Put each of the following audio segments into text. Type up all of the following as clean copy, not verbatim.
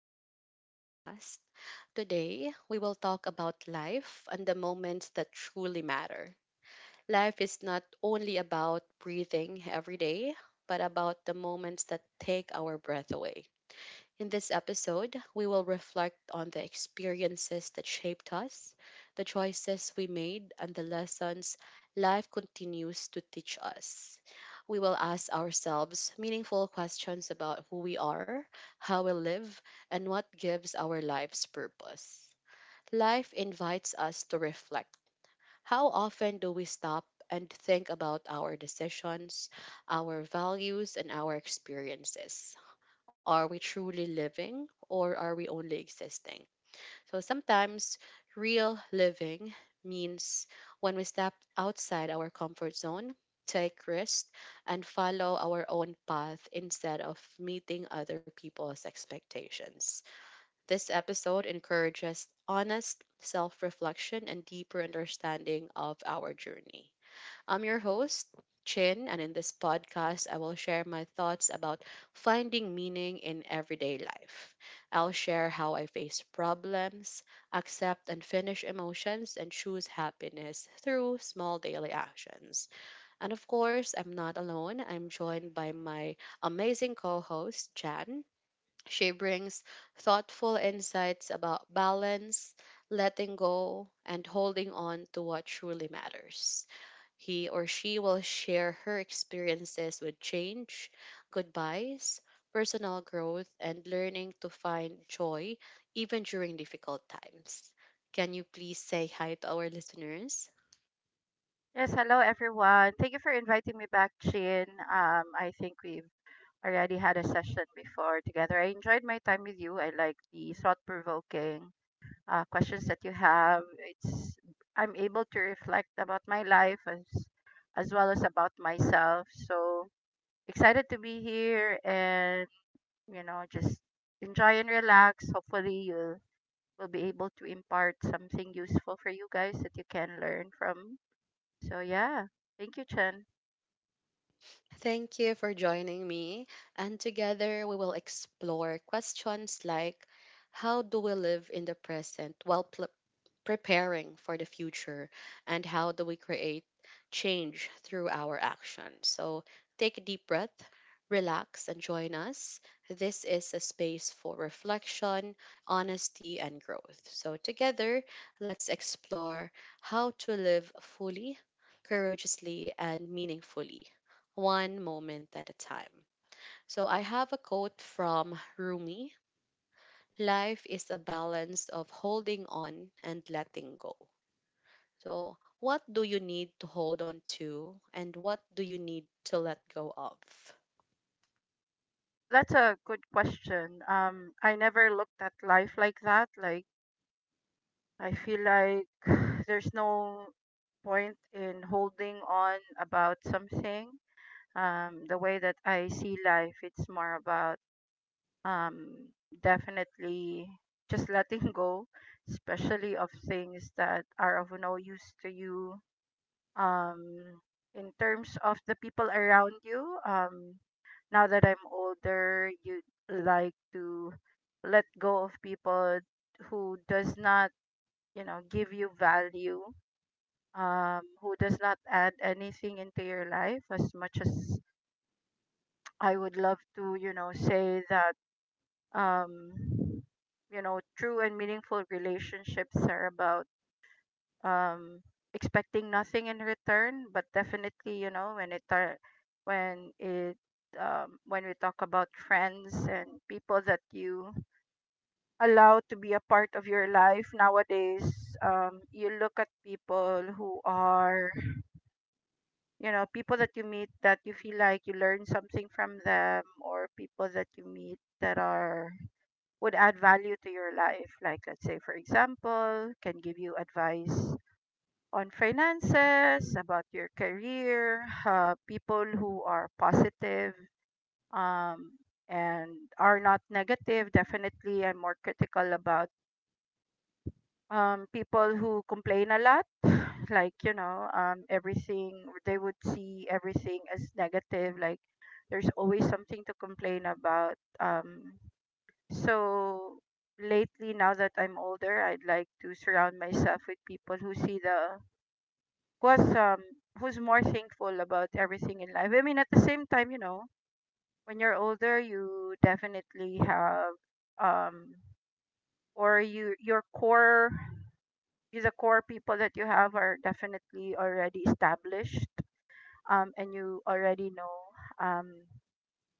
back to our podcast. Today, we will talk about life and the moments that truly matter. Life is not only about breathing every day, but about the moments that take our breath away. In this episode, we will reflect on the experiences that shaped us, the choices we made, and the lessons life continues to teach us. We will ask ourselves meaningful questions about who we are, how we live, and what gives our lives purpose. Life invites us to reflect. How often do we stop and think about our decisions, our values, and our experiences? Are we truly living or are we only existing? So sometimes real living means when we step outside our comfort zone, take risks, and follow our own path instead of meeting other people's expectations. This episode encourages honest self reflection and deeper understanding of our journey. I'm your host, Chin, and in this podcast, I will share my thoughts about finding meaning in everyday life. I'll share how I face problems, accept unfinished emotions, and choose happiness through small daily actions. And of course, I'm not alone. I'm joined by my amazing co host, Jan. She brings thoughtful insights about balance, letting go, and holding on to what truly matters. He or she will share her experiences with change, goodbyes, personal growth, and learning to find joy even during difficult times. Can you please say hi to our listeners? Yes, hello everyone. Thank you for inviting me back, Chin. I think we've already had a session before together. I enjoyed my time with you. I like the thought-provoking questions that you have. It's I'm able to reflect about my life as well as about myself. So excited to be here and just enjoy and relax. Hopefully you'll will be able to impart something useful for you guys that you can learn from. So yeah, thank you, Chen. Thank you for joining me, and together we will explore questions like how do we live in the present while preparing for the future, and how do we create change through our action. So take a deep breath, relax, and join us. This is a space for reflection, honesty, and growth. So together, let's explore how to live fully, courageously, and meaningfully, one moment at a time. So I have a quote from Rumi. Life is a balance of holding on and letting go. So, what do you need to hold on to and what do you need to let go of? Oh, that's a good question. I never looked at life like that. Like, I feel like there's no point in holding on about something. The way that I see life, it's more about um, definitely just letting go, especially of things that are of no use to you. Um, in terms of the people around you, now that I'm older, you like to let go of people who does not, you know, give you value, who does not add anything into your life as much as I would love to, you know, say that um you know, true and meaningful relationships are about um expecting nothing in return, but definitely you know when it when we talk about friends and people that you allow to be a part of your life nowadays, you look at people who are, you know, people that you meet that you feel like you learn something from them, or people that you meet that are would add value to your life, like let's say for example can give you advice on finances, about your career, people who are positive um, and are not negative. Definitely, I'm more critical about people who complain a lot. Like, you know, everything, they would see everything as negative. Like, there's always something to complain about. So, lately, now that I'm older, I'd like to surround myself with people who see the was who's more thankful about everything in life. I mean, at the same time, you know, when you're older, you definitely have um or you your core the core people that you have are definitely already established, and you already know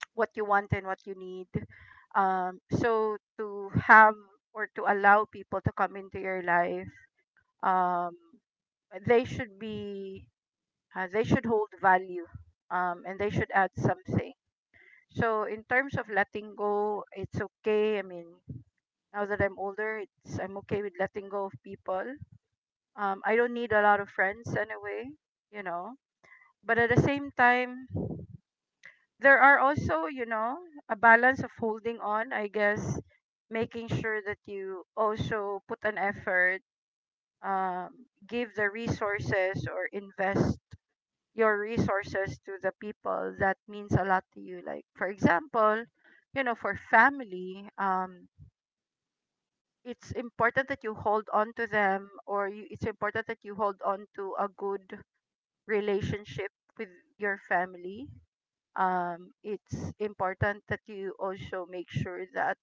what you want and what you need, so to have or to allow people to come into your life, um they should be they should hold value, and they should add something. So, in terms of letting go, it's okay. I mean, now that I'm older, it's I'm okay with letting go of people. I don't need a lot of friends anyway, you know. But at the same time, there are also, you know, a balance of holding on, I guess, making sure that you also put an effort, um, give the resources or invest your resources to the people that means a lot to you, like for example, you know, for family, it's important that you hold on to them, it's important that you hold on to a good relationship with your family. It's important that you also make sure that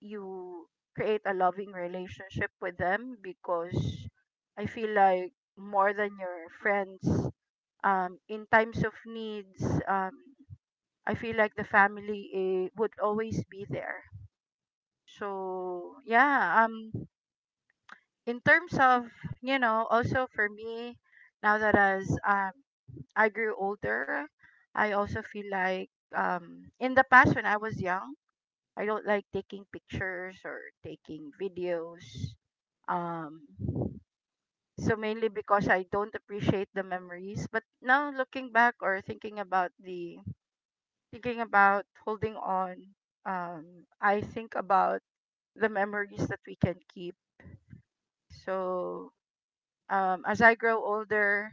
you create a loving relationship with them, because I feel like more than your friends, in times of needs, I feel like the family eh, would always be there. So yeah, in terms of, you know, also for me, now that as I grew older, I also feel like in the past when I was young, I don't like taking pictures or taking videos. Um, so mainly because I don't appreciate the memories. But now looking back or thinking about the thinking about holding on, um, I think about the memories that we can keep. So as I grow older,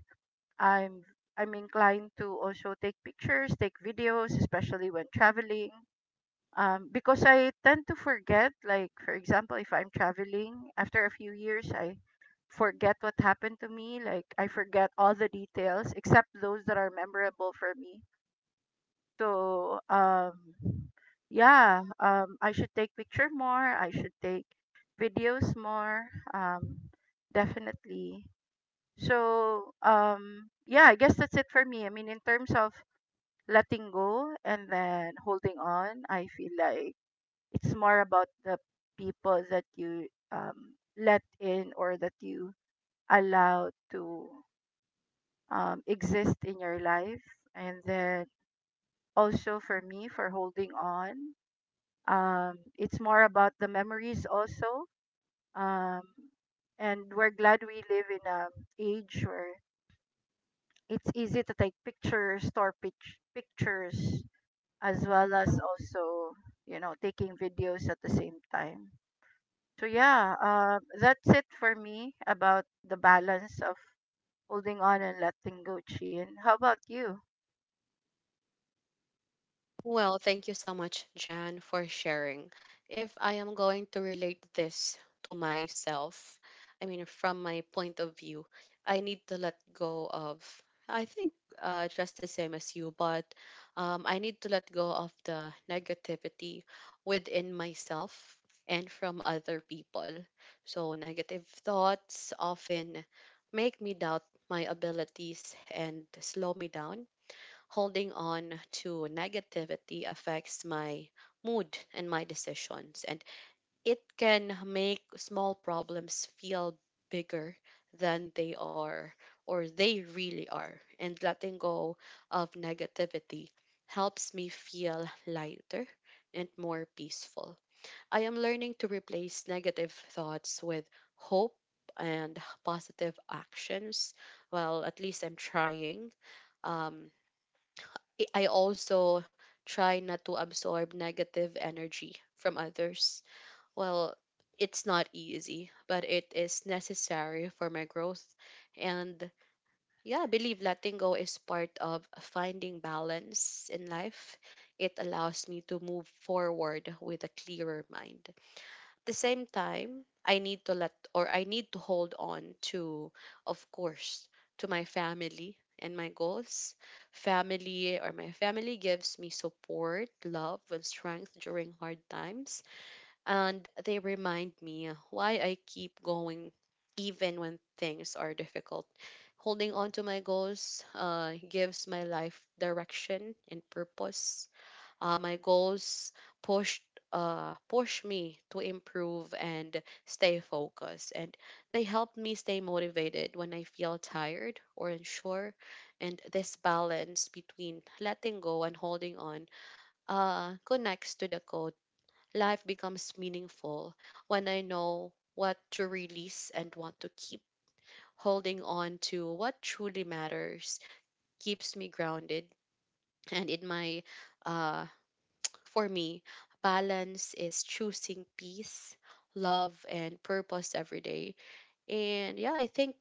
I'm I'm inclined to also take pictures, take videos, especially when traveling. Because I tend to forget, like for example, if I'm traveling, after a few years, I forget what happened to me. Like, I forget all the details except those that are memorable for me. So, yeah, I should take picture more. I should take videos more. Um, Definitely. So, yeah, I guess that's it for me. I mean, in terms of letting go and then holding on, I feel like it's more about the people that you let in or that you allow to exist in your life. And then also for me, for holding on, it's more about the memories also. Um, and we're glad we live in an age where it's easy to take pictures, pictures, as well as also, you know, taking videos at the same time. So yeah, that's it for me about the balance of holding on and letting go, Chin. How about you? Well, thank you so much, Jan, for sharing. If I am going to relate this to myself, I mean, from my point of view, I need to let go of, I think, just the same as you, but I need to let go of the negativity within myself and from other people. So, negative thoughts often make me doubt my abilities and slow me down. Holding on to negativity affects my mood and my decisions, and it can make small problems feel bigger than they are, or they really are. And letting go of negativity helps me feel lighter and more peaceful. I am learning to replace negative thoughts with hope and positive actions. Well, at least I'm trying. Um, I also try not to absorb negative energy from others. Well, it's not easy, but it is necessary for my growth. And yeah, I believe letting go is part of finding balance in life. It allows me to move forward with a clearer mind. The same time, I need to let, or I need to hold on to, of course, to my family and my goals. Family, or my family, gives me support, love, and strength during hard times. And they remind me why I keep going even when things are difficult. Holding on to my goals, gives my life direction and purpose. My goals pushed push me to improve and stay focused, and they help me stay motivated when I feel tired or unsure. And this balance between letting go and holding on connects to the code. Life becomes meaningful when I know what to release and what to keep. Holding on to what truly matters keeps me grounded. And in my uh, for me, balance is choosing peace, love, and purpose every day. And yeah, I think,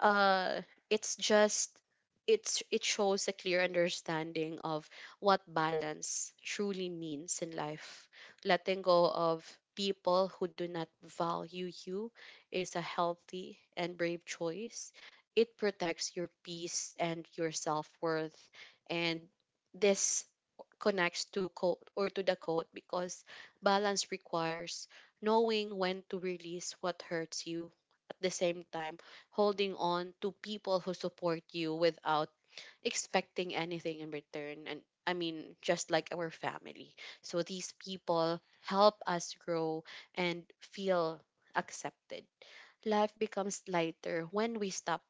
uh, it's just it's it shows a clear understanding of what balance truly means in life. Letting go of people who do not value you is a healthy and brave choice. It protects your peace and your self worth, and this connects to code or to the code because balance requires knowing when to release what hurts you. At the same time, holding on to people who support you without expecting anything in return, and I mean just like our family, so these people help us grow and feel accepted. Life becomes lighter when we stop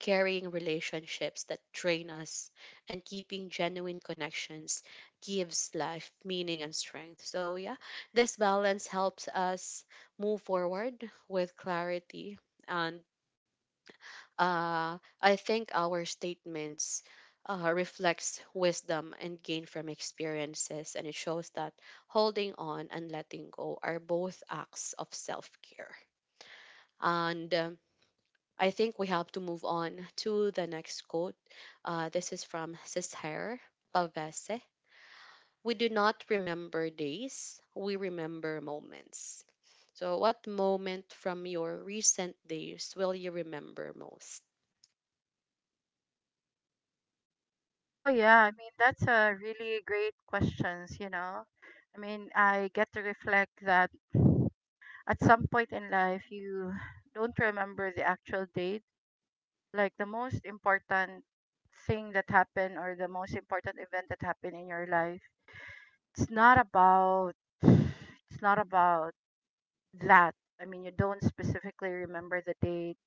carrying relationships that drain us, and keeping genuine connections gives life meaning and strength. So, yeah, this balance helps us move forward with clarity. And I think our statements reflects wisdom and gain from experiences, and it shows that holding on and letting go are both acts of self care. And I think we have to move on to the next quote. This is from Cesare Pavese. We do not remember days, we remember moments. So, what moment from your recent days will you remember most? Oh yeah, I mean that's a really great questions, you know. I mean, I get to reflect that at some point in life, you don't remember the actual date, like the most important thing that happened or the most important event that happened in your life. It's not about it's not about that. I mean, you don't specifically remember the date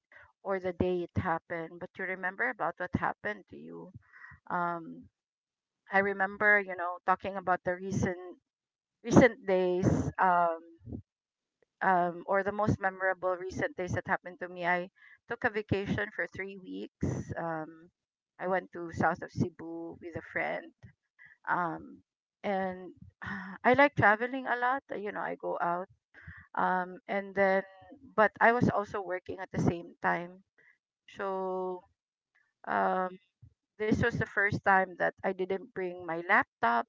or the day it happened, but you remember about what happened to you. um I remember, you know, talking about the recent days, or the most memorable recent days that happened to me, I took a vacation for 3 weeks. I went to south of Cebu with a friend. Um, and I like traveling a lot. You know, I go out. And then, but I was also working at the same time. So, um, this was the first time that I didn't bring my laptop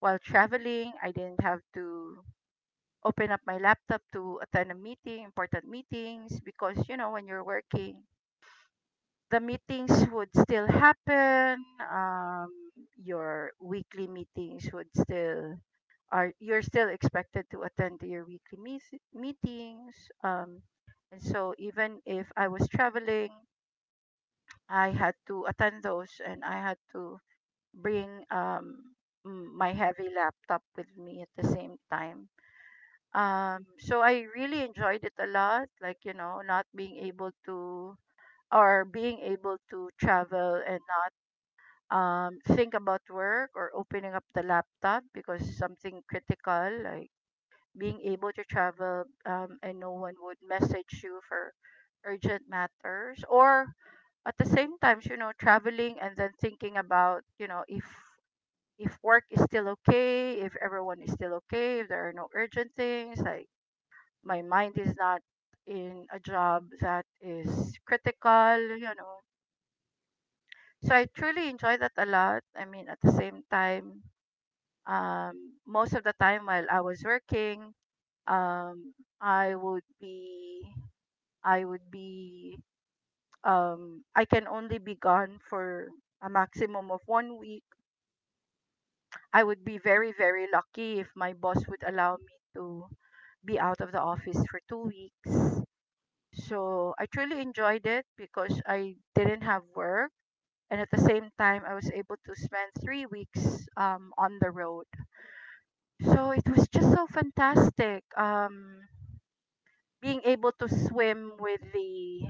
while traveling. I didn't have to open up my laptop to attend a meeting, important meetings, because you know when you're working, the meetings would still happen. Your weekly meetings would still are you're still expected to attend to your meetings. Um, and so even if I was traveling, I had to attend those, and I had to bring my heavy laptop with me at the same time. So I really enjoyed it a lot, like, you know, not being able to or being able to travel and not think about work or opening up the laptop because something critical, like being able to travel, and no one would message you for urgent matters, or at the same time, you know, traveling and then thinking about, you know, if work is still okay, if everyone is still okay, if there are no urgent things, like my mind is not in a job that is critical, you know. So I truly enjoy that a lot. I mean, at the same time, most of the time while I was working, um, I would be, I would be, I can only be gone for a maximum of 1 week. I would be very, very lucky if my boss would allow me to be out of the office for 2 weeks. So I truly enjoyed it because I didn't have work. And at the same time, I was able to spend 3 weeks on the road. So it was just so fantastic. Being able to swim with the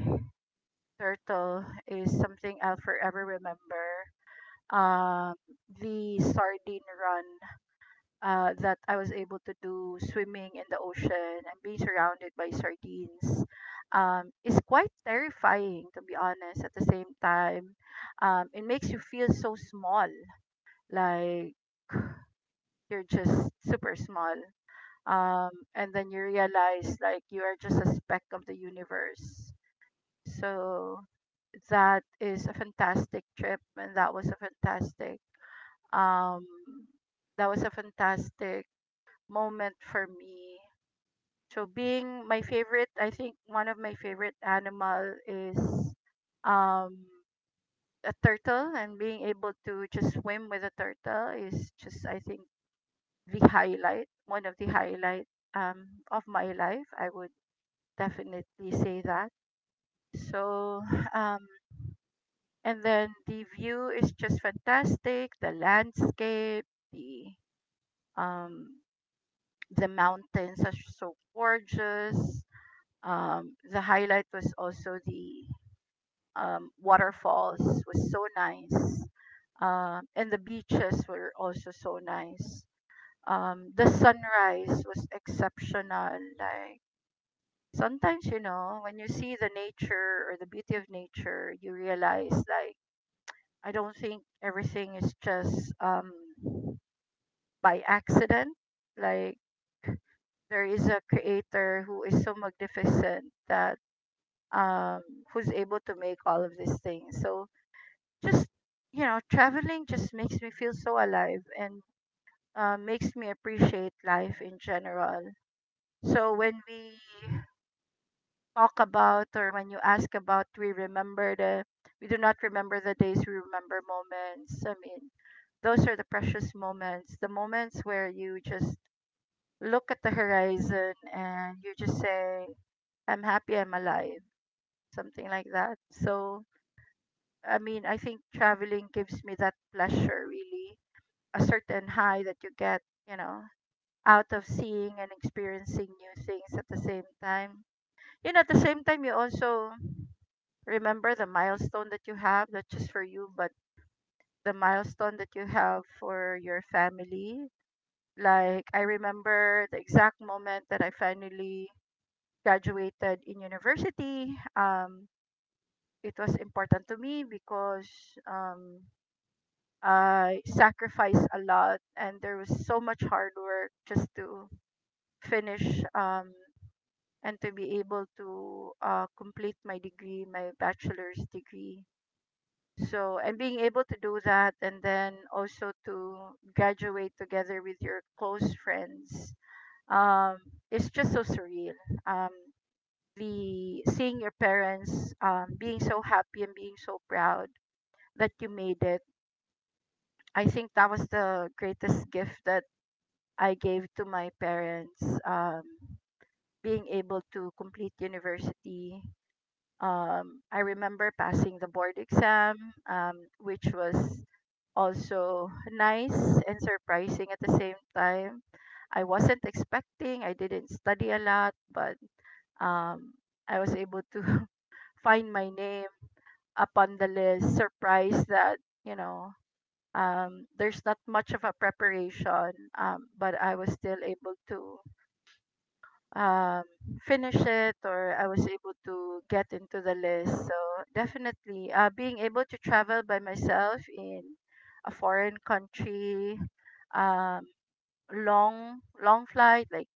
turtle is something I'll forever remember. Um, the sardine run that I was able to do swimming in the ocean and being surrounded by sardines is quite terrifying, to be honest. At the same time, it makes you feel so small, like you're just super small. And then you realize like you are just a speck of the universe. So that is a fantastic trip, and that was a fantastic um, that was a fantastic moment for me. So being my favorite, I think one of my favorite animal is um a turtle, and being able to just swim with a turtle is just, I think, the highlight, one of the highlight of my life. I would definitely say that. So um and then the view is just fantastic, the landscape, the um the mountains are so gorgeous, the highlight was also the waterfalls was so nice, and the beaches were also so nice, the sunrise was exceptional. Like, sometimes you know when you see the nature or the beauty of nature, you realize like I don't think everything is just by accident. Like, there is a creator who is so magnificent that um, who's able to make all of these things. So just, you know, traveling just makes me feel so alive and makes me appreciate life in general. So when we talk about or when you ask about, we do not remember the days, we remember moments. I mean, those are the precious moments, the moments where you just look at the horizon and you just say, "I'm happy, I'm alive," something like that. So I mean, I think traveling gives me that pleasure, really, a certain high that you get, you know, out of seeing and experiencing new things at the same time. You know, at the same time, you also remember the milestone that you have, not just for you, but the milestone that you have for your family. Like, I remember the exact moment that I finally graduated in university. It was important to me because um, I sacrificed a lot, and there was so much hard work just to finish and to be able to complete my degree, my bachelor's degree. So, and being able to do that, and then also to graduate together with your close friends, um, it's just so surreal. Um, the seeing your parents being so happy and being so proud that you made it. I think that was the greatest gift that I gave to my parents being able to complete university. I remember passing the board exam, which was also nice and surprising at the same time. I wasn't expecting, I didn't study a lot, but um, I was able to find my name upon the list, surprised that, you know, there's not much of a preparation, but I was still able to um, finish it or I was able to get into the list. So definitely, being able to travel by myself in a foreign country, um, long long flight like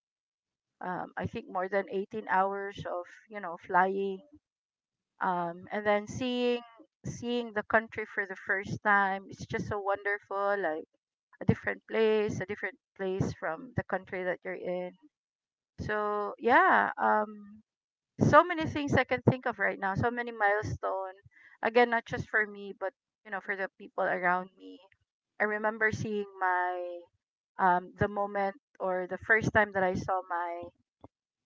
I think more than 18 hours of you know flying, and then seeing the country for the first time. It's just so wonderful, like a different place from the country that you're in. So yeah, so many things I can think of right now, so many milestone. Again, not just for me, but you know, for the people around me. I remember seeing my the moment or the first time that I saw my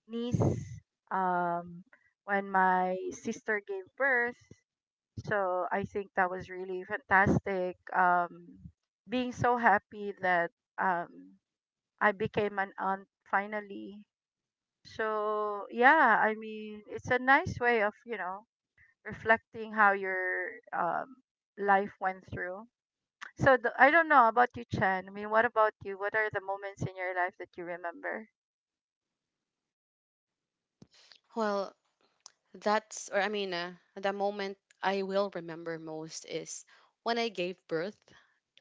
niece um when my sister gave birth. So I think that was really fantastic. Being so happy that um I became an aunt finally, so yeah, I mean, it's a nice way of you know reflecting how your life went through. So I don't know about you, Chen. I mean, what about you? What are the moments in your life that you remember? Well, that's, or I mean, the moment I will remember most is when I gave birth.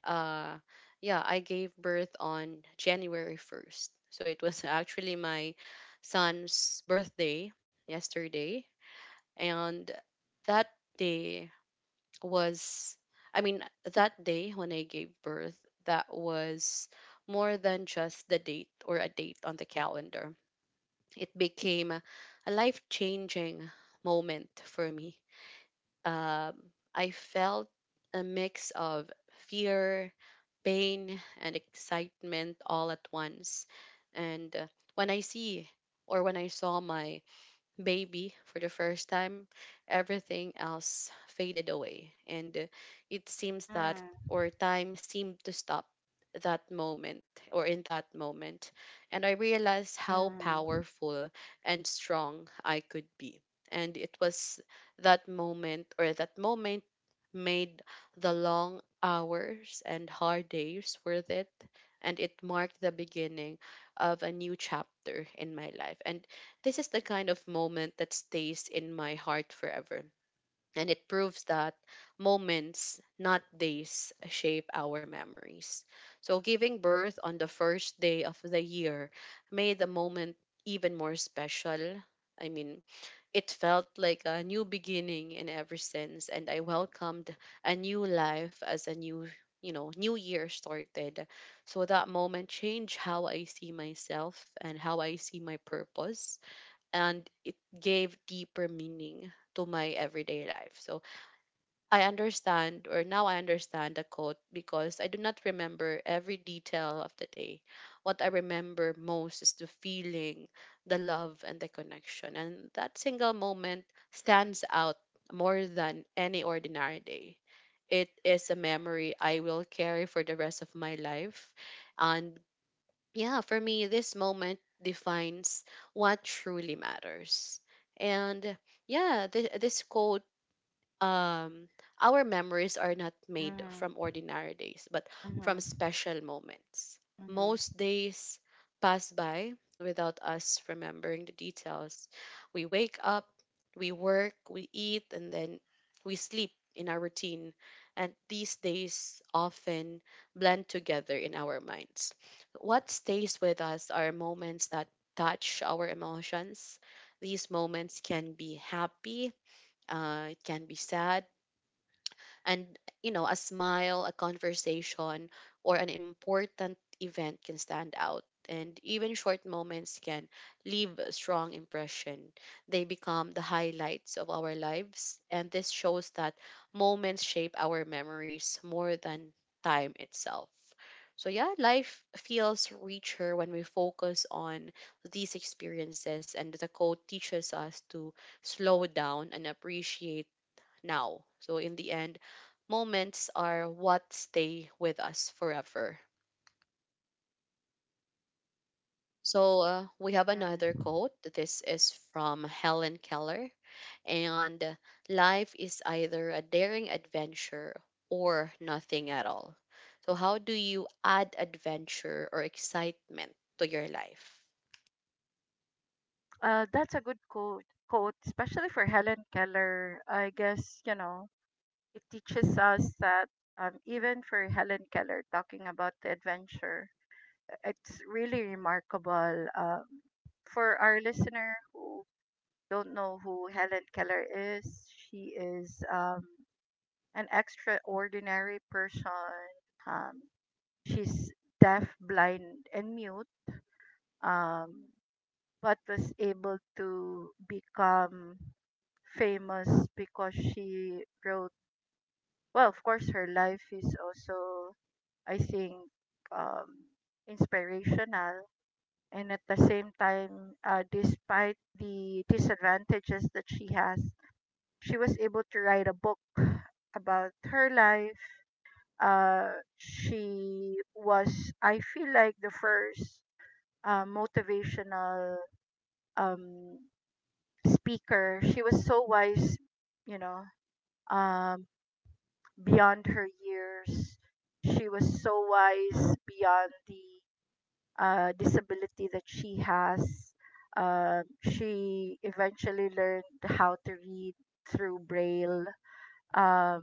uh yeah, I gave birth on January 1st, so it was actually my son's birthday yesterday. And that day was i mean that day when I gave birth, that was more than just the date or a date on the calendar. It became a life changing moment for me. um, I felt a mix of fear, pain, and excitement all at once. And when I see when I saw my baby for the first time, everything else faded away. And it seems that, Mm, or time seemed to stop that moment or in that moment. And I realized how mm, powerful and strong I could be. And it was that moment or that moment made the long hours and hard days worth it. And it marked the beginning of a new chapter in my life. And this is the kind of moment that stays in my heart forever. And it proves that moments, not days, shape our memories. So, giving birth on the first day of the year made the moment even more special. I mean, it felt like a new beginning in every sense, and I welcomed a new life as a new year started. So that moment changed how I see myself and how I see my purpose, and it gave deeper meaning to my everyday life. So I understand, or now I understand the quote because I do not remember every detail of the day. What I remember most is the feeling, the love, and the connection. And that single moment stands out more than any ordinary day. It is a memory I will carry for the rest of my life. And yeah, for me, this moment defines what truly matters. And yeah, this quote, um our memories are not made mm, from ordinary days, but from mm, special moments. mm, Most days pass by without us remembering the details. We wake up, we work, we eat, and then we sleep in our routine. And these days often blend together in our minds. What stays with us are moments that touch our emotions. These moments can be happy, it can be sad. And you know, a smile, a conversation, or an important event can stand out. And even short moments can leave a strong impression. They become the highlights of our lives, and this shows that moments shape our memories more than time itself. So yeah, life feels richer when we focus on these experiences, and the quote teaches us to slow down and appreciate now. So in the end, moments are what stay with us forever. So we have mm. another quote. This is from Helen Keller, and life is either a daring adventure or nothing at all. So how do you add adventure or excitement to your life? That's a good quote, quote, especially for Helen Keller. I guess, you know, it teaches us that even for Helen Keller talking about the adventure, it's really remarkable. For our listener who don't know who Helen Keller is, she is an extraordinary person. Um, she's deaf, blind, and mute, um, but was able to become famous because she wrote, well, of course, her life is also, I think, um, inspirational and at the same time, despite the disadvantages that she has, she was able to write a book about her life. Uh, she was, I feel like, the first motivational um, speaker. She was so wise, you know, um, beyond her years. She was so wise beyond the disability that she has. She eventually learned how to read through Braille um,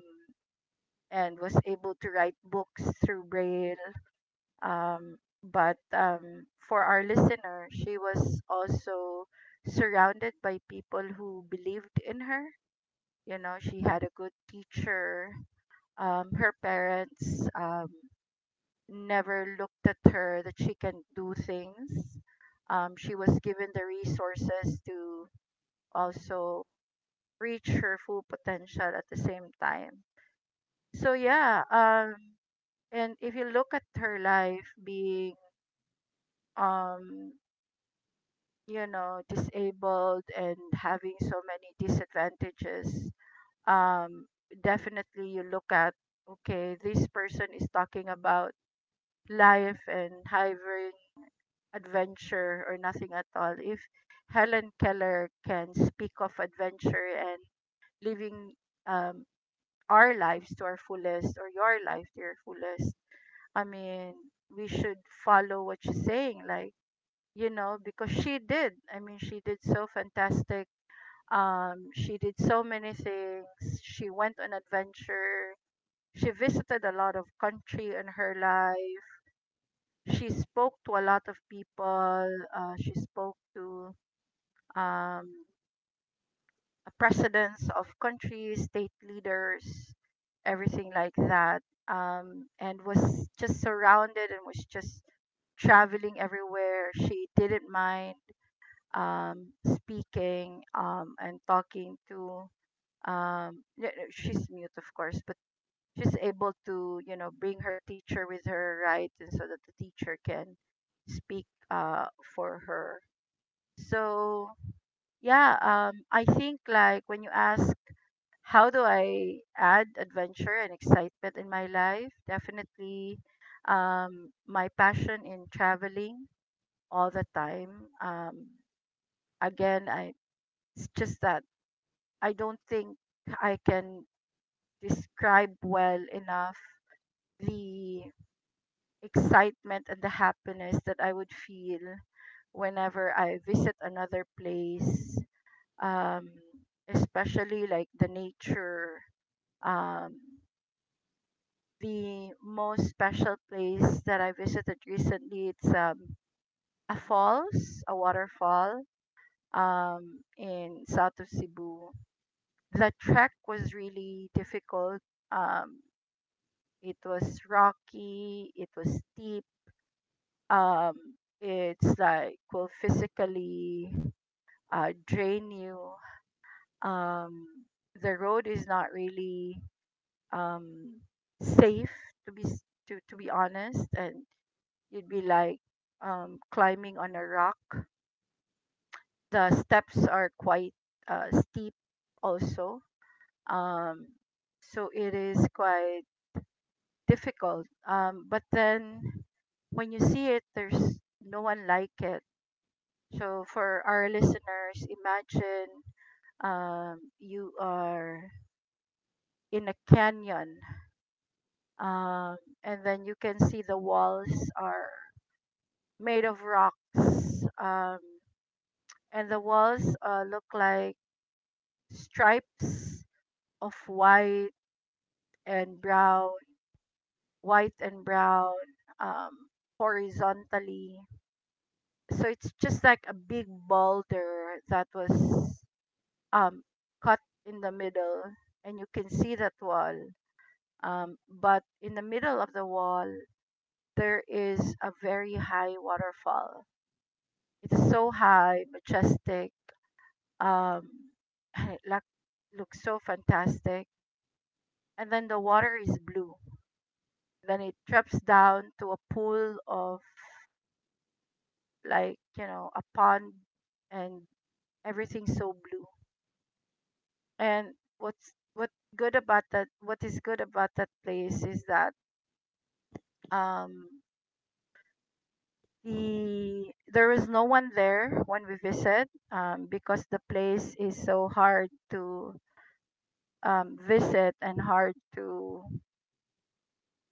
and was able to write books through Braille. But for our listener, she was also surrounded by people who believed in her. You know, she had a good teacher. Her parents never looked at her that she can do things. She was given the resources to also reach her full potential at the same time. So yeah, and if you look at her life being, um, you know, disabled and having so many disadvantages, um, definitely you look at okay, this person is talking about life and having adventure or nothing at all. If Helen Keller can speak of adventure and living um, our lives to our fullest or your life to your fullest, I mean, we should follow what she's saying. Like, you know, because she did. I mean, she did so fantastic. She did so many things. She went on adventure. She visited a lot of country in her life, she spoke to a lot of people. She spoke to um, presidents of countries, state leaders, everything like that, and was just surrounded and was just traveling everywhere. She didn't mind speaking and talking to. She's mute, of course, but she's able to, you know, bring her teacher with her, right, and so that the teacher can speak for her. So yeah, I think like when you ask how do I add adventure and excitement in my life, definitely my passion in traveling all the time. Again, I it's just that I don't think I can describe well enough the excitement and the happiness that I would feel whenever I visit another place. Um, Especially like the nature, um, the most special place that I visited recently. It's a falls, a waterfall in south of Cebu. The trek was really difficult. Um, it was rocky. It was steep. Um, it's like will physically drain you. Um, the road is not really um, safe to be to be honest, and you'd be like climbing on a rock. The steps are quite steep, also. Um, so it is quite difficult. But then when you see it, there's no one like it. So for our listeners, imagine you are in a canyon, um, and then you can see the walls are made of rocks, and the walls look like stripes of and brown, white and brown, um, horizontally. So it's just like a big boulder that was um, cut in the middle, and you can see that wall. But in the middle of the wall, there is a very high waterfall. It's so high, majestic, um, it look- looks so fantastic. And then the water is blue. Then it drops down to a pool of, like, you know, a pond, and everything's so blue. And what is good about that place is that um there was no one there when we visit, because the place is so hard to visit and hard to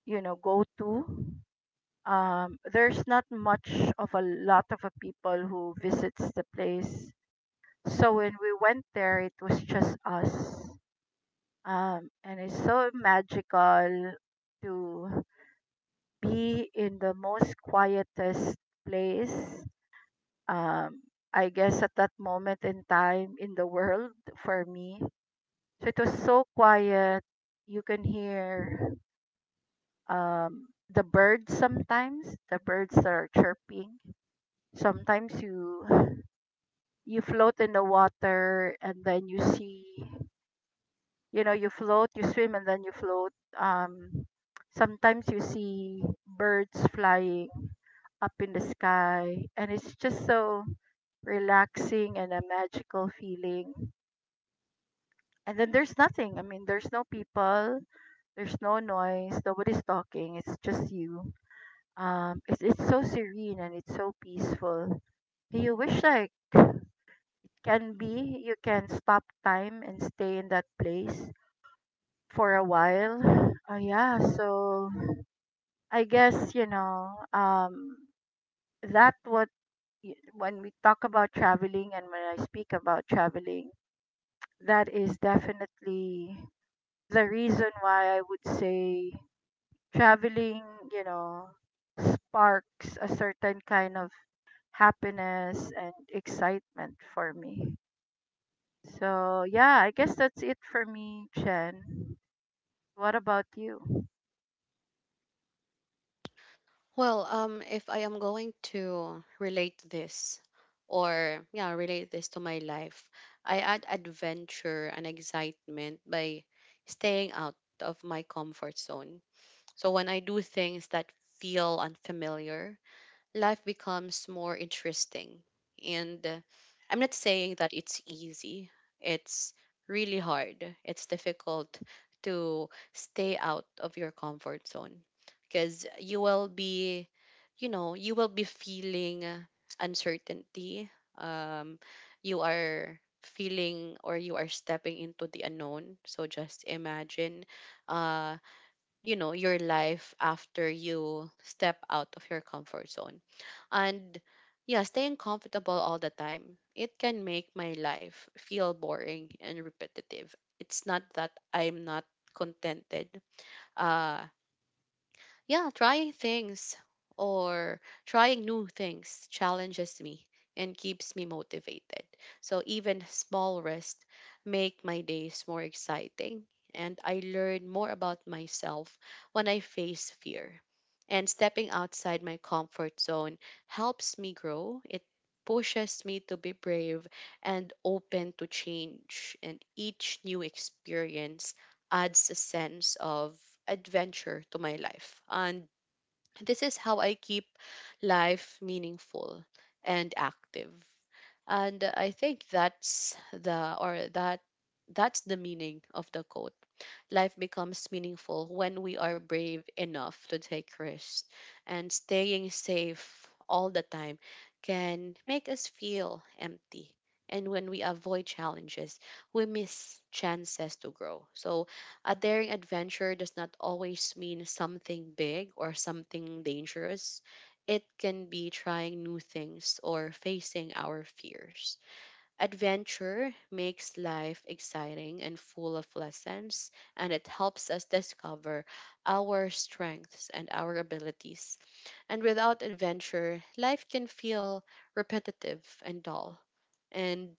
you know go to, there's not much of a lot of a people who visits the place. So when we went there, it was just us. And it's so magical to be in the most quietest place. Um, I guess at that moment in time in the world for me. So it was so quiet. You can hear the birds sometimes, the birds that are chirping. Sometimes you float in the water and then you see you know you float you swim and then you float, um sometimes you see birds flying up in the sky and it's just so relaxing and a magical feeling, and then there's nothing, I mean there's no people, there's no noise, nobody's talking, it's just you. It's so serene and it's so peaceful you wish like can be you can stop time and stay in that place for a while. Yeah, so I guess you know that what when we talk about traveling and when I speak about traveling, that is definitely the reason why I would say traveling, you know, sparks a certain kind of happiness and excitement for me. So yeah, I guess that's it for me, Chen. What about you? Well, if I am going to relate this to my life, I add adventure and excitement by staying out of my comfort zone. So when I do things that feel unfamiliar, life becomes more interesting. And I'm not saying that it's easy, it's really hard. It's difficult to stay out of your comfort zone because you will be feeling uncertainty. Um, you are stepping into the unknown. So just imagine, uh, you know your life after you step out of your comfort zone. And yeah, staying comfortable all the time, it can make my life feel boring and repetitive. It's not that I'm not contented. Uh yeah, or trying new things challenges me and keeps me motivated. So even small risks make my days more exciting, and I learn more about myself when I face fear. And stepping outside my comfort zone helps me grow. It pushes me to be brave and open to change, and each new experience adds a sense of adventure to my life. And this is how I keep life meaningful and active. And I think that that's the meaning of the quote: life becomes meaningful when we are brave enough to take risks. And staying safe all the time can make us feel empty. And when we avoid challenges, we miss chances to grow. So a daring adventure does not always mean something big or something dangerous. It can be trying new things or facing our fears. Adventure makes life exciting and full of lessons, and it helps us discover our strengths and our abilities. And without adventure, life can feel repetitive and dull. And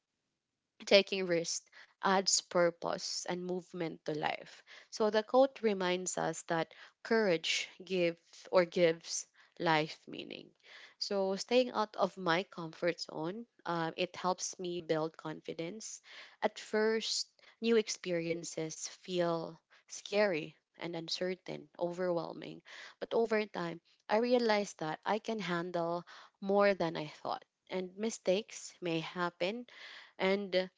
Taking risks adds purpose and movement to life. So the quote reminds us that courage gives life meaning. So staying out of my comfort zone, it helps me build confidence. At first, new experiences feel scary and uncertain, overwhelming. But over time, I realized that I can handle more than I thought. And mistakes may happen, and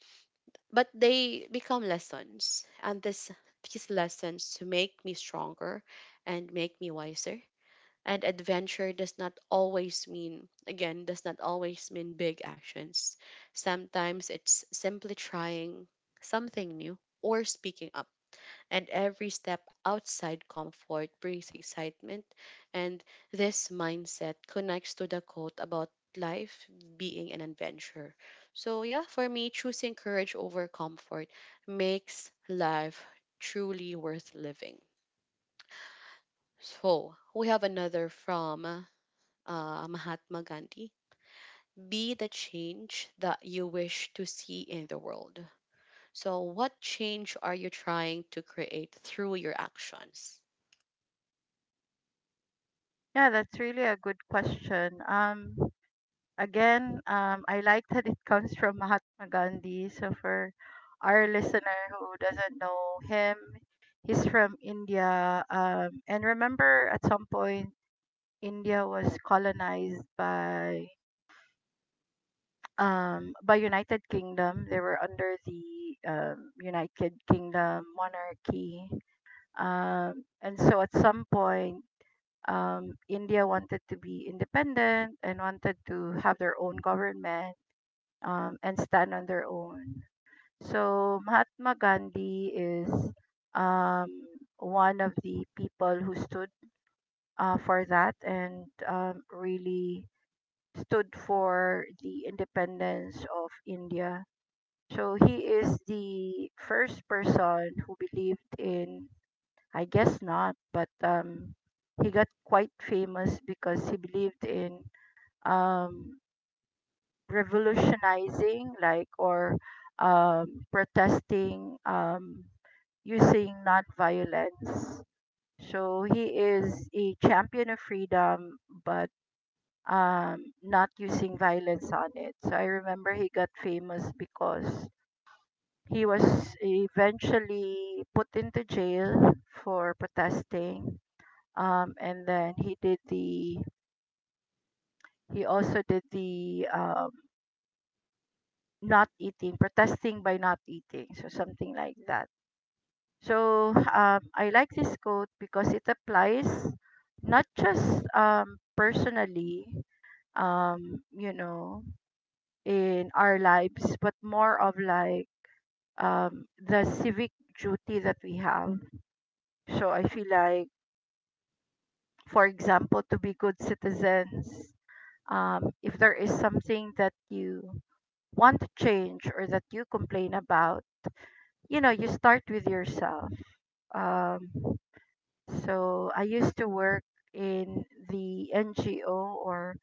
but they become lessons, and this these lessons to make me stronger and make me wiser. And adventure does not always mean again does not always mean big actions. Sometimes it's simply trying something new or speaking up, and every step outside comfort brings excitement. And this mindset connects to the quote about life being an adventure. So yeah, for me, choosing courage over comfort makes life truly worth living. So we have another from Mahatma Gandhi. Be the change that you wish to see in the world. So what change are you trying to create through your actions? Yeah, that's really a good question. Again, I like that it comes from Mahatma Gandhi. So for our listener who doesn't know him, he's from India. And remember, at some point, India was colonized by United Kingdom. They were under the United Kingdom monarchy. And so at some point, India wanted to be independent and wanted to have their own government and stand on their own. So Mahatma Gandhi is um, one of the people who stood for that and really stood for the independence of India. So he is the first person who believed in, I guess not, but he got quite famous because he believed in um, revolutionizing like or protesting using non-violence. So he is a champion of freedom, but not using violence on it. So I remember he got famous because he was eventually put into jail for protesting, and then he did the he also did the not eating, protesting by not eating. So something like that. So I like this quote because it applies not just personally, you know, in our lives, but more of like the civic duty that we have. So I feel like, for example, to be good citizens, if there is something that you want to change or that you complain about, you know you start with yourself um so I used to work in the ngo or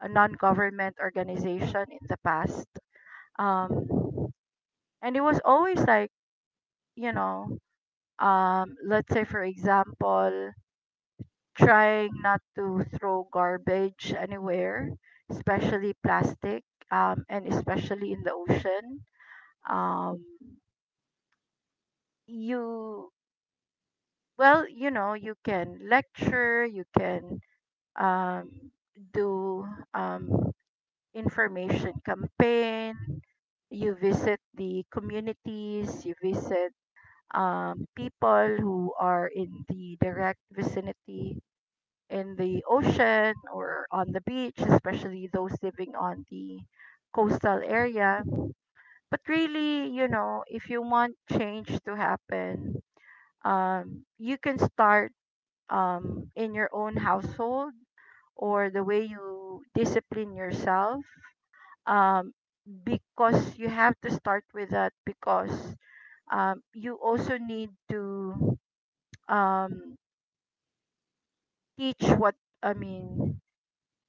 a non-government organization in the past um and it was always like, you know, let's say, for example, trying not to throw garbage anywhere, especially plastic, and especially in the ocean um you Well, you know, you can lecture, you can, um, do um, information campaign, you visit the communities, you visit people who are in the direct vicinity in the ocean or on the beach, especially those living on the coastal area. But really, you know, if you want change to happen, you can start in your own household or the way you discipline yourself, um, because you have to start with that because you also need to, um, teach what i mean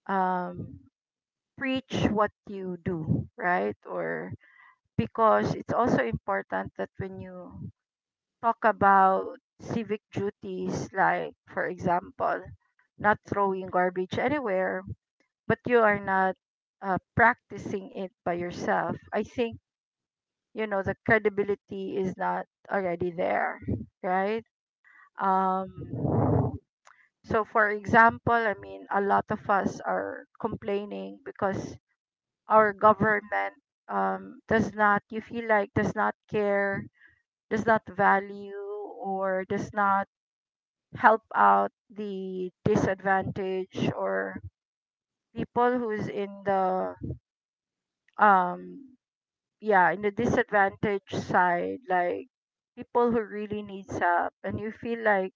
um, preach what you do right, or because it's also important that when you talk about civic duties, like for example not throwing garbage anywhere, but you are not, practicing it by yourself, I think you know the credibility is not already there, right? Um, so, for example, I mean, a lot of us are complaining because our government does not, you feel like, does not care, does not value, or does not help out the disadvantaged, or people who's in the um yeah, in the disadvantaged side, like people who really needs help, and you feel like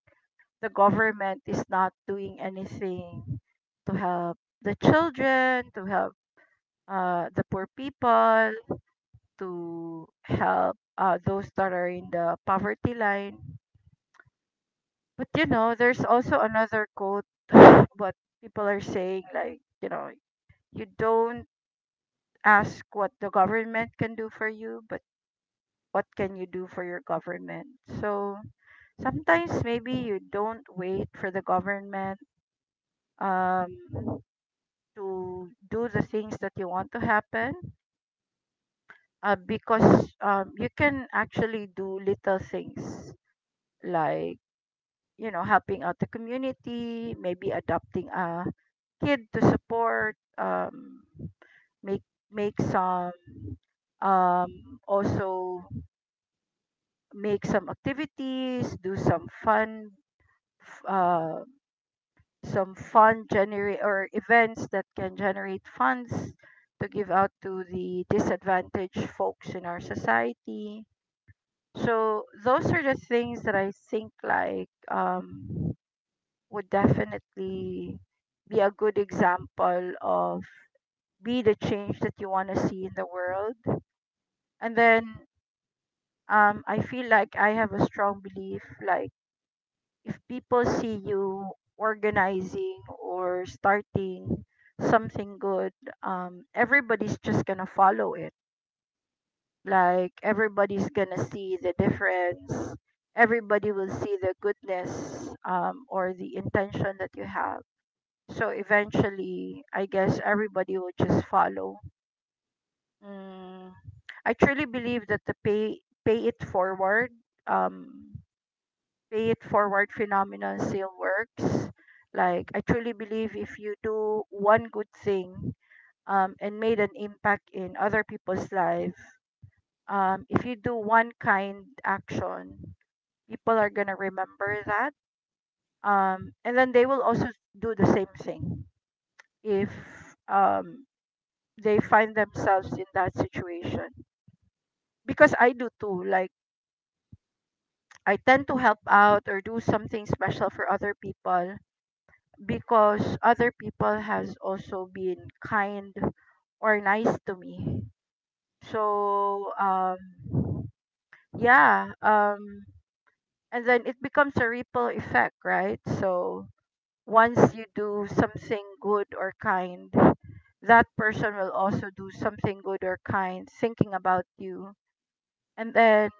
the government is not doing anything to help the children, to help the poor people, to help those that are in the poverty line. But you know there's also another quote what people are saying, like, you know, you don't ask what the government can do for you, but what can you do for your government. So sometimes maybe you don't wait for the government, um, to do the things that you want to happen, because you can actually do little things like, you know, helping out the community, maybe adopting a kid to support, make make some also make some activities, do some fun f- uh, some fund generate, or events that can generate funds to give out to the disadvantaged folks in our society. So those are the things that I think like would definitely be a good example of be the change that you want to see in the world. And then I feel like I have a strong belief, like if people see you organizing or starting something good, everybody's just gonna follow it. Like everybody's gonna see the difference. Everybody will see the goodness, or the intention that you have. So eventually, I guess everybody will just follow. Mm, I truly believe that the pay it forward. Um, Pay it forward phenomenon still works. Like I truly believe if you do one good thing, and made an impact in other people's life, if you do one kind action, people are gonna remember that. And then they will also do the same thing if, um, they find themselves in that situation. Because I do too. Like I tend to help out or do something special for other people because other people has also been kind or nice to me. So um yeah, and then it becomes a ripple effect, right? So once you do something good or kind, that person will also do something good or kind thinking about you. And then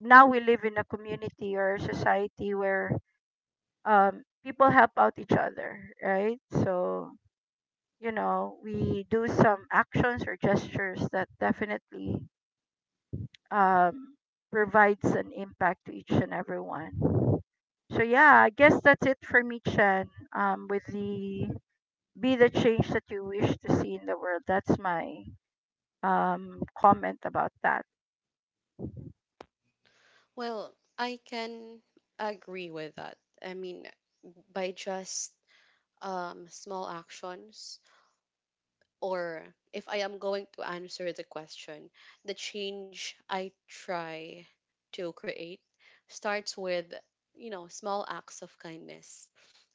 now we live in a community or a society where people help out each other, right? So you know, we do some actions or gestures that definitely, um, provides an impact to each and everyone. So yeah, I guess that's it for me, Chen. With the be the change that you wish to see in the world. That's my comment about that. Well, I can agree with that. I mean, by just small actions, or if I am going to answer the question, the change I try to create starts with, you know, small acts of kindness.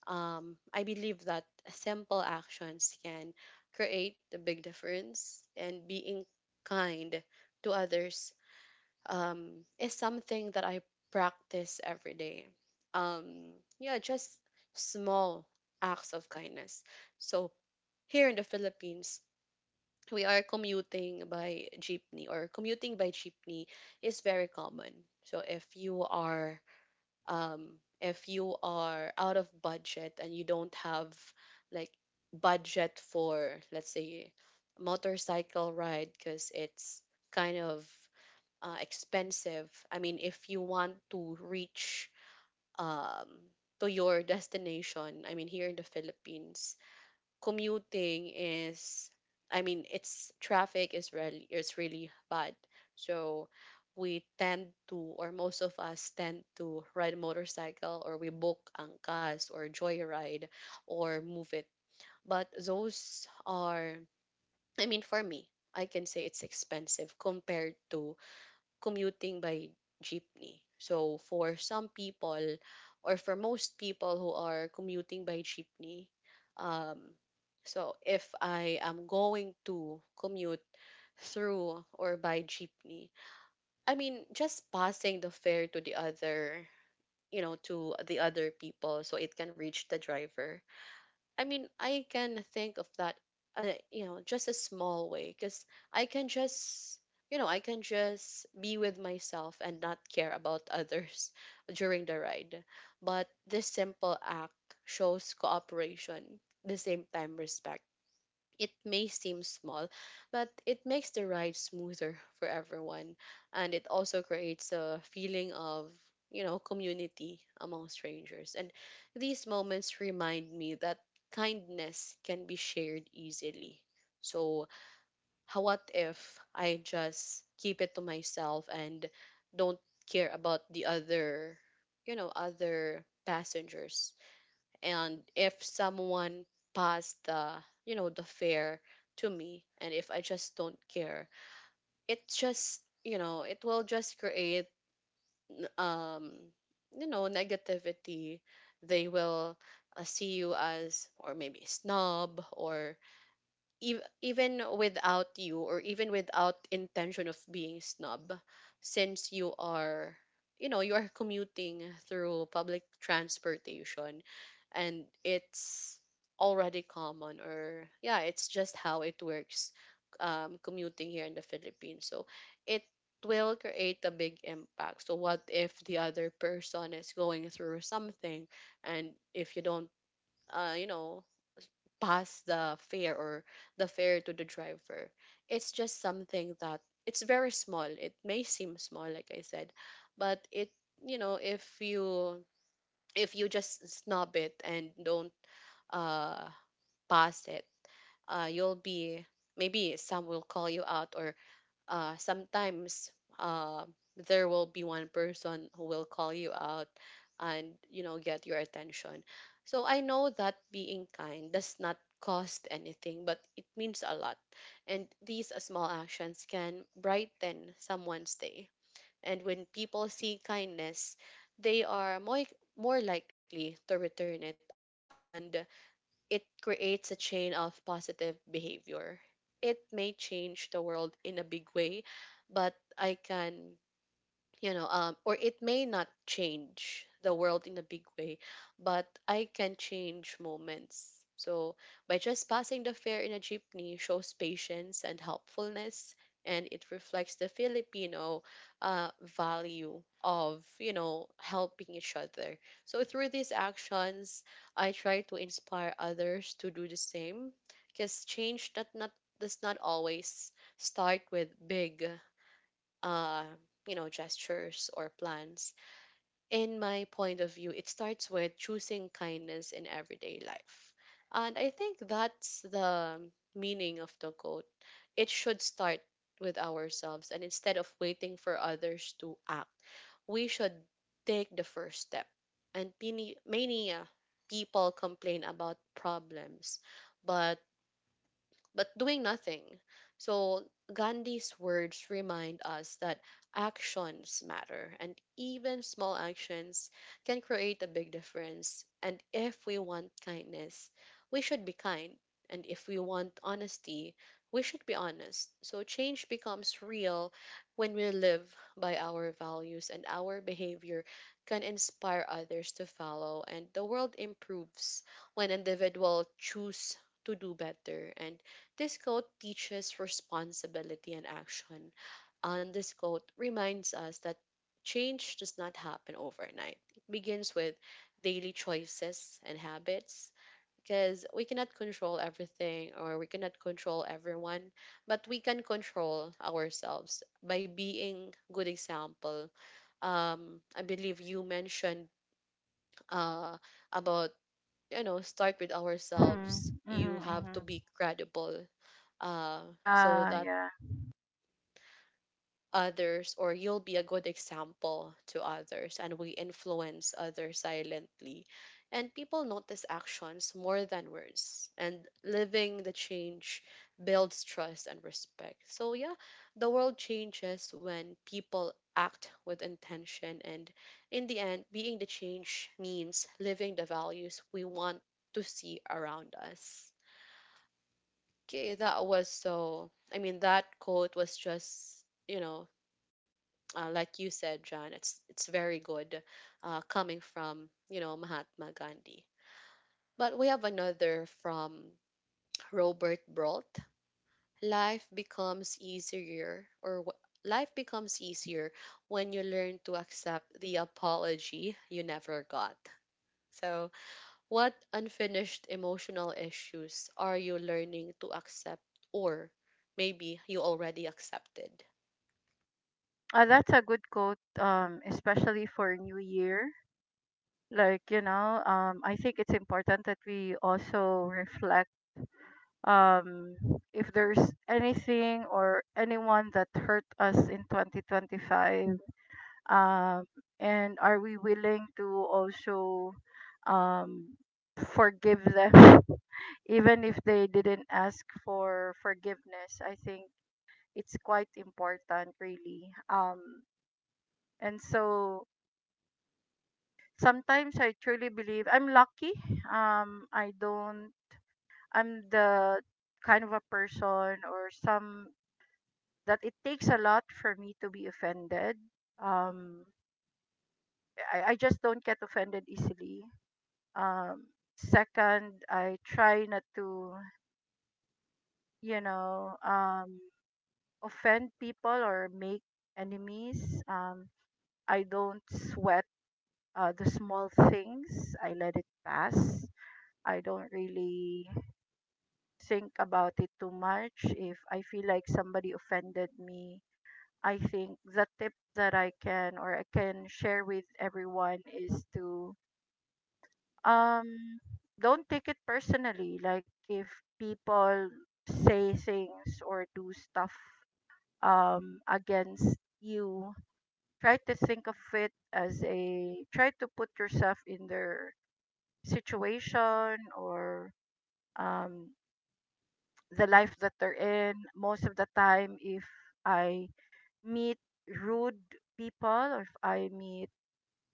I believe that simple actions can create a big difference, and being kind to others is something that I practice every day. Um, yeah, just small acts of kindness. So here in the Philippines, we are commuting by jeepney, or commuting by jeepney is very common. So if you are, if you are out of budget and you don't have, like, budget for, let's say, motorcycle ride, because it's kind of expensive. I mean, if you want to reach um, to your destination, I mean, here in the Philippines, commuting is, I mean, it's, traffic is really bad. So we tend to, or most of us tend to, ride a motorcycle, or we book Angkas or JoyRide, or Move It. But those are, I mean, for me, I can say it's expensive compared to commuting by jeepney. So for some people, or for most people who are commuting by jeepney, um, so if I am going to commute through or by jeepney, I mean, just passing the fare to the other, you know, to the other people, so it can reach the driver. I mean, I can think of that, you know, just a small way, because I can just, you know, I can just be with myself and not care about others during the ride. But this simple act shows cooperation, the same time respect. It may seem small, but it makes the ride smoother for everyone. And it also creates a feeling of, you know, community among strangers. And these moments remind me that kindness can be shared easily. So how, what if I just keep it to myself and don't care about the other, you know, other passengers? And if someone passed the, you know, the fare to me, and if I just don't care, it just, you know, it will just create, um you know, negativity. They will see you as, or maybe snob, or even without you, or even without intention of being snub, since you are, you know, you are commuting through public transportation, and it's already common, or yeah, it's just how it works, commuting here in the Philippines. So it will create a big impact. So what if the other person is going through something, and if you don't you know, pass the fare, or the fare to the driver? It's just something that, it's very small. It may seem small, like I said, but it, you know, if you, if you just snub it and don't uh pass it, you'll be, maybe some will call you out, or sometimes, uh there will be one person who will call you out and, you know, get your attention. So I know that being kind does not cost anything, but it means a lot, and these small actions can brighten someone's day. And when people see kindness, they are more likely to return it, and it creates a chain of positive behavior. It may change the world in a big way, but I can, you know, or it may not change the world in a big way, but I can change moments. So by just passing the fair in a jeepney shows patience and helpfulness, and it reflects the Filipino value of, you know, helping each other. So through these actions, I try to inspire others to do the same, because change that not does not always start with big uh, you know, gestures or plans. In my point of view, it starts with choosing kindness in everyday life. And I think that's the meaning of the quote. It should start with ourselves, and instead of waiting for others to act, we should take the first step. And many people complain about problems, but doing nothing. So Gandhi's words remind us that actions matter, and even small actions can create a big difference. And if we want kindness, we should be kind. And if we want honesty, we should be honest. So change becomes real when we live by our values, and our behavior can inspire others to follow. And the world improves when individuals choose to do better, and this quote teaches responsibility and action. And this quote reminds us that change does not happen overnight. It begins with daily choices and habits, because we cannot control everything, or we cannot control everyone, but we can control ourselves by being good example. I believe you mentioned uh, about, you know, start with ourselves. Mm, You mhm, have to mhm. be credible. So Yeah, that yeah. others, or you'll be a good example to others, and we influence others silently, and people notice actions more than words, and living the change builds trust and respect. So yeah, the world changes when people act with intention, and in the end, being the change means living the values we want to see around us. Okay, that was, so I mean, that quote was just, you know, like you said, John, it's very good, coming from, you know, Mahatma Gandhi. But we have another from Robert Brault. Life becomes easier, or life becomes easier when you learn to accept the apology you never got. So what unfinished emotional issues are you learning to accept, or maybe you already accepted? That's a good quote, especially for New Year. Like, you know, I think it's important that we also reflect, um, if there's anything or anyone that hurt us in 2025, um, and are we willing to also, um, forgive them, even if they didn't ask for forgiveness? I think it's quite important really. And so sometimes I truly believe I'm lucky, I don't. I'm the kind of a person, or some, that it takes a lot for me to be offended um I just don't get offended easily um Second, I try not to, you know, offend people or make enemies. I don't sweat the small things, I let it pass. I don't really think about it too much. If I feel like somebody offended me, I think the tip that I can, or I can share with everyone, is to um don't take it personally. Like if people say things or do stuff against you, try to think of it as a try to put yourself in their situation, or um, the life that they're in. Most of the time, if I meet rude people, or if I meet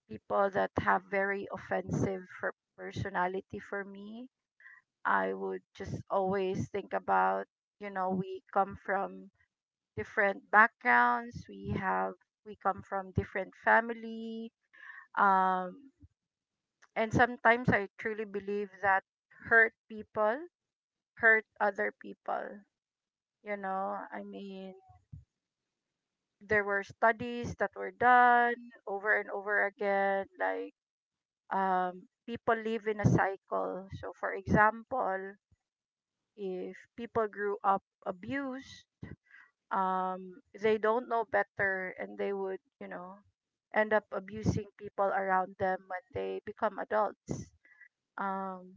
people that have very offensive for personality for me, I would just always think about, you know, we come from different backgrounds, we have we come from different family um and sometimes I truly believe that hurt people hurt other people. You know, I mean, there were studies that were done over and over again, like people live in a cycle. So, for example, if people grew up abused, they don't know better and they would, you know, end up abusing people around them when they become adults. Um,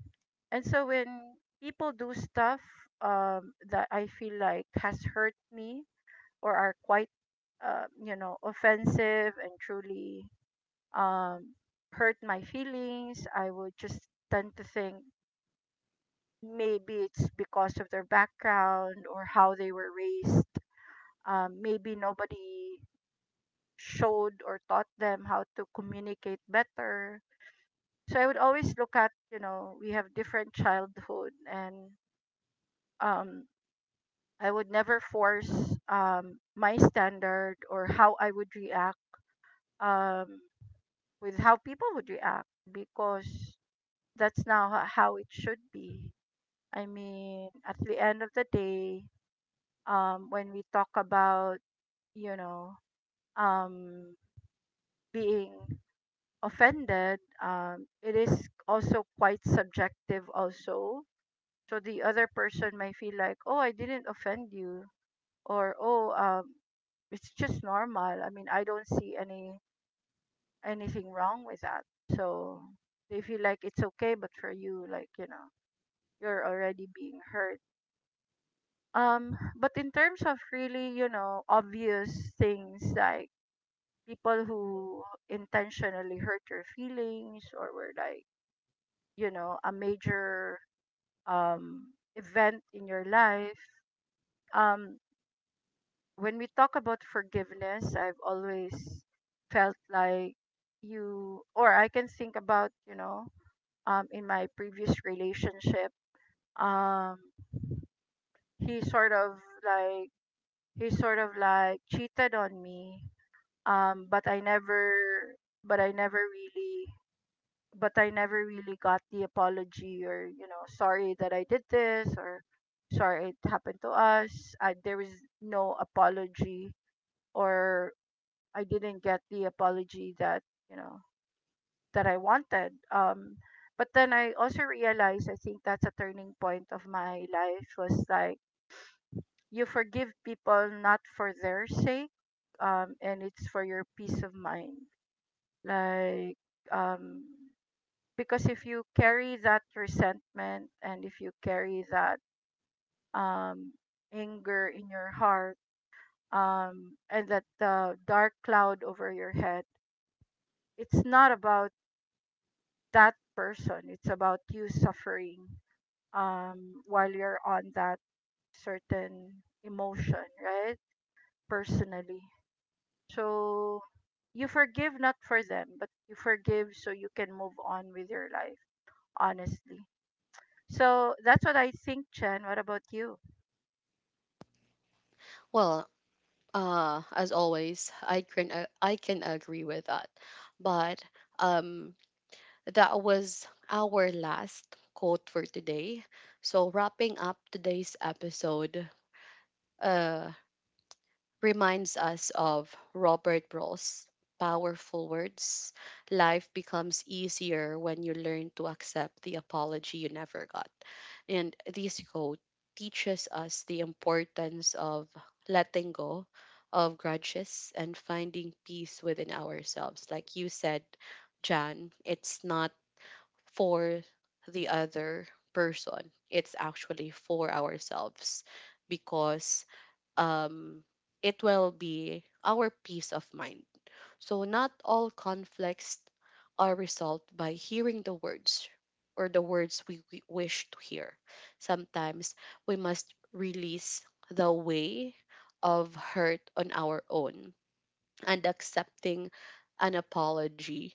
and so, when people do stuff that I feel like has hurt me, or are quite, you know, offensive and truly, um, hurt my feelings. I would just tend to think maybe it's because of their background or how they were raised, maybe nobody showed or taught them how to communicate better. So I would always look at, you know, we have different childhood and, um, I would never force, my standard or how I would react, um, with how people would react, because that's how it should be. I mean, at the end of the day, when we talk about, you know, um, being offended, it is also quite subjective, also. So the other person might feel like, oh, I didn't offend you, or oh, it's just normal. I mean, I don't see any anything wrong with that. So they feel like it's okay, but for you, like, you know, you're already being hurt. But in terms of really, you know, obvious things like people who intentionally hurt your feelings, or were like, you know, a major um event in your life. Um, when we talk about forgiveness, I've always felt like you or I can think about, you know, in my previous relationship um he sort of like cheated on me, but I never but I never really but I never really got the apology, or you know, sorry that I did this, or sorry it happened to us. I, there was no apology, or I didn't get the apology that, you know, that I wanted. But then I also realized, I think that's a turning point of my life, was like, you forgive people not for their sake, and it's for your peace of mind. Like, um, because if you carry that resentment, and if you carry that, um, anger in your heart, and that dark cloud over your head, it's not about that person. It's about you suffering, while you're on that certain emotion, right? Personally. So you forgive not for them, but you forgive so you can move on with your life, honestly. So that's what I think, Chen. What about you? Well, as always, I can agree with that. But um, that was our last quote for today. So wrapping up today's episode, uh, reminds us of Robert Ross' powerful words. Life becomes easier when you learn to accept the apology you never got. And this quote teaches us the importance of letting go of grudges and finding peace within ourselves. Like you said, Jan, it's not for the other person, it's actually for ourselves, because um, it will be our peace of mind. So not all conflicts are resolved by hearing the words, or the words we wish to hear. Sometimes we must release the way of hurt on our own, and accepting an apology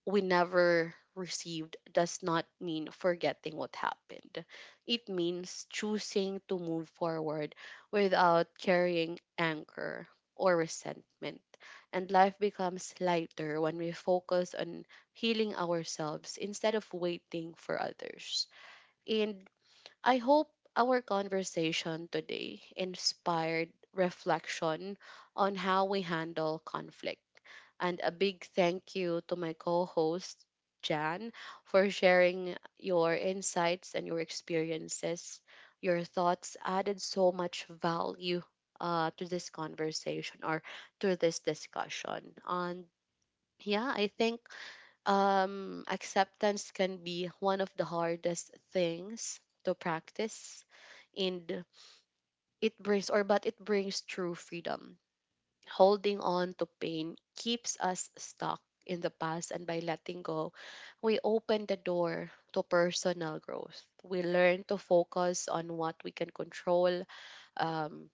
we never received does not mean forgetting what happened. It means choosing to move forward without carrying anger or resentment. And life becomes lighter when we focus on healing ourselves instead of waiting for others. And I hope our conversation today inspired reflection on how we handle conflict. And a big thank you to my co host, Jan, for sharing your insights and your experiences. Your thoughts added so much value to this conversation, or to this discussion. And yeah, I think acceptance can be one of the hardest things to practice. And it brings, or but it brings true freedom. Holding on to pain keeps us stuck in the past, and by letting go, we open the door to personal growth. We learn to focus on what we can control, um,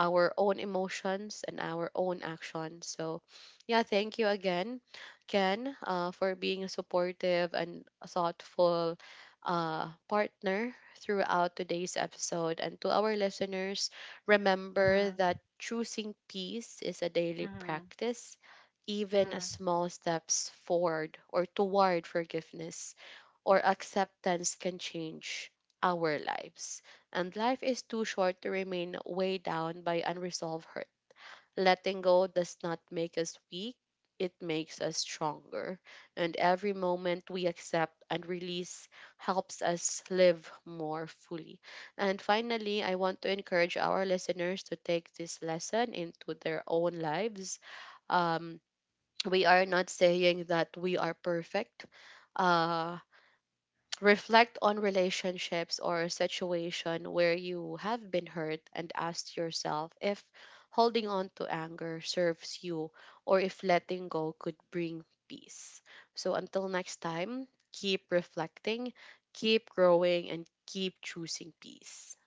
our own emotions and our own actions. So yeah, thank you again, Ken, for being a supportive and thoughtful partner throughout today's episode. And to our listeners, remember Mm-hmm. that choosing peace is a daily Mm-hmm. practice. Even a Mm-hmm. small steps forward or toward forgiveness or acceptance can change our lives. And life is too short to remain weighed down by unresolved hurt. Letting go does not make us weak, it makes us stronger. And every moment we accept and release helps us live more fully. And finally, I want to encourage our listeners to take this lesson into their own lives. Um, we are not saying that we are perfect. Uh, Reflect on relationships or a situation where you have been hurt, and ask yourself if holding on to anger serves you, or if letting go could bring peace. So until next time, keep reflecting, keep growing, and keep choosing peace.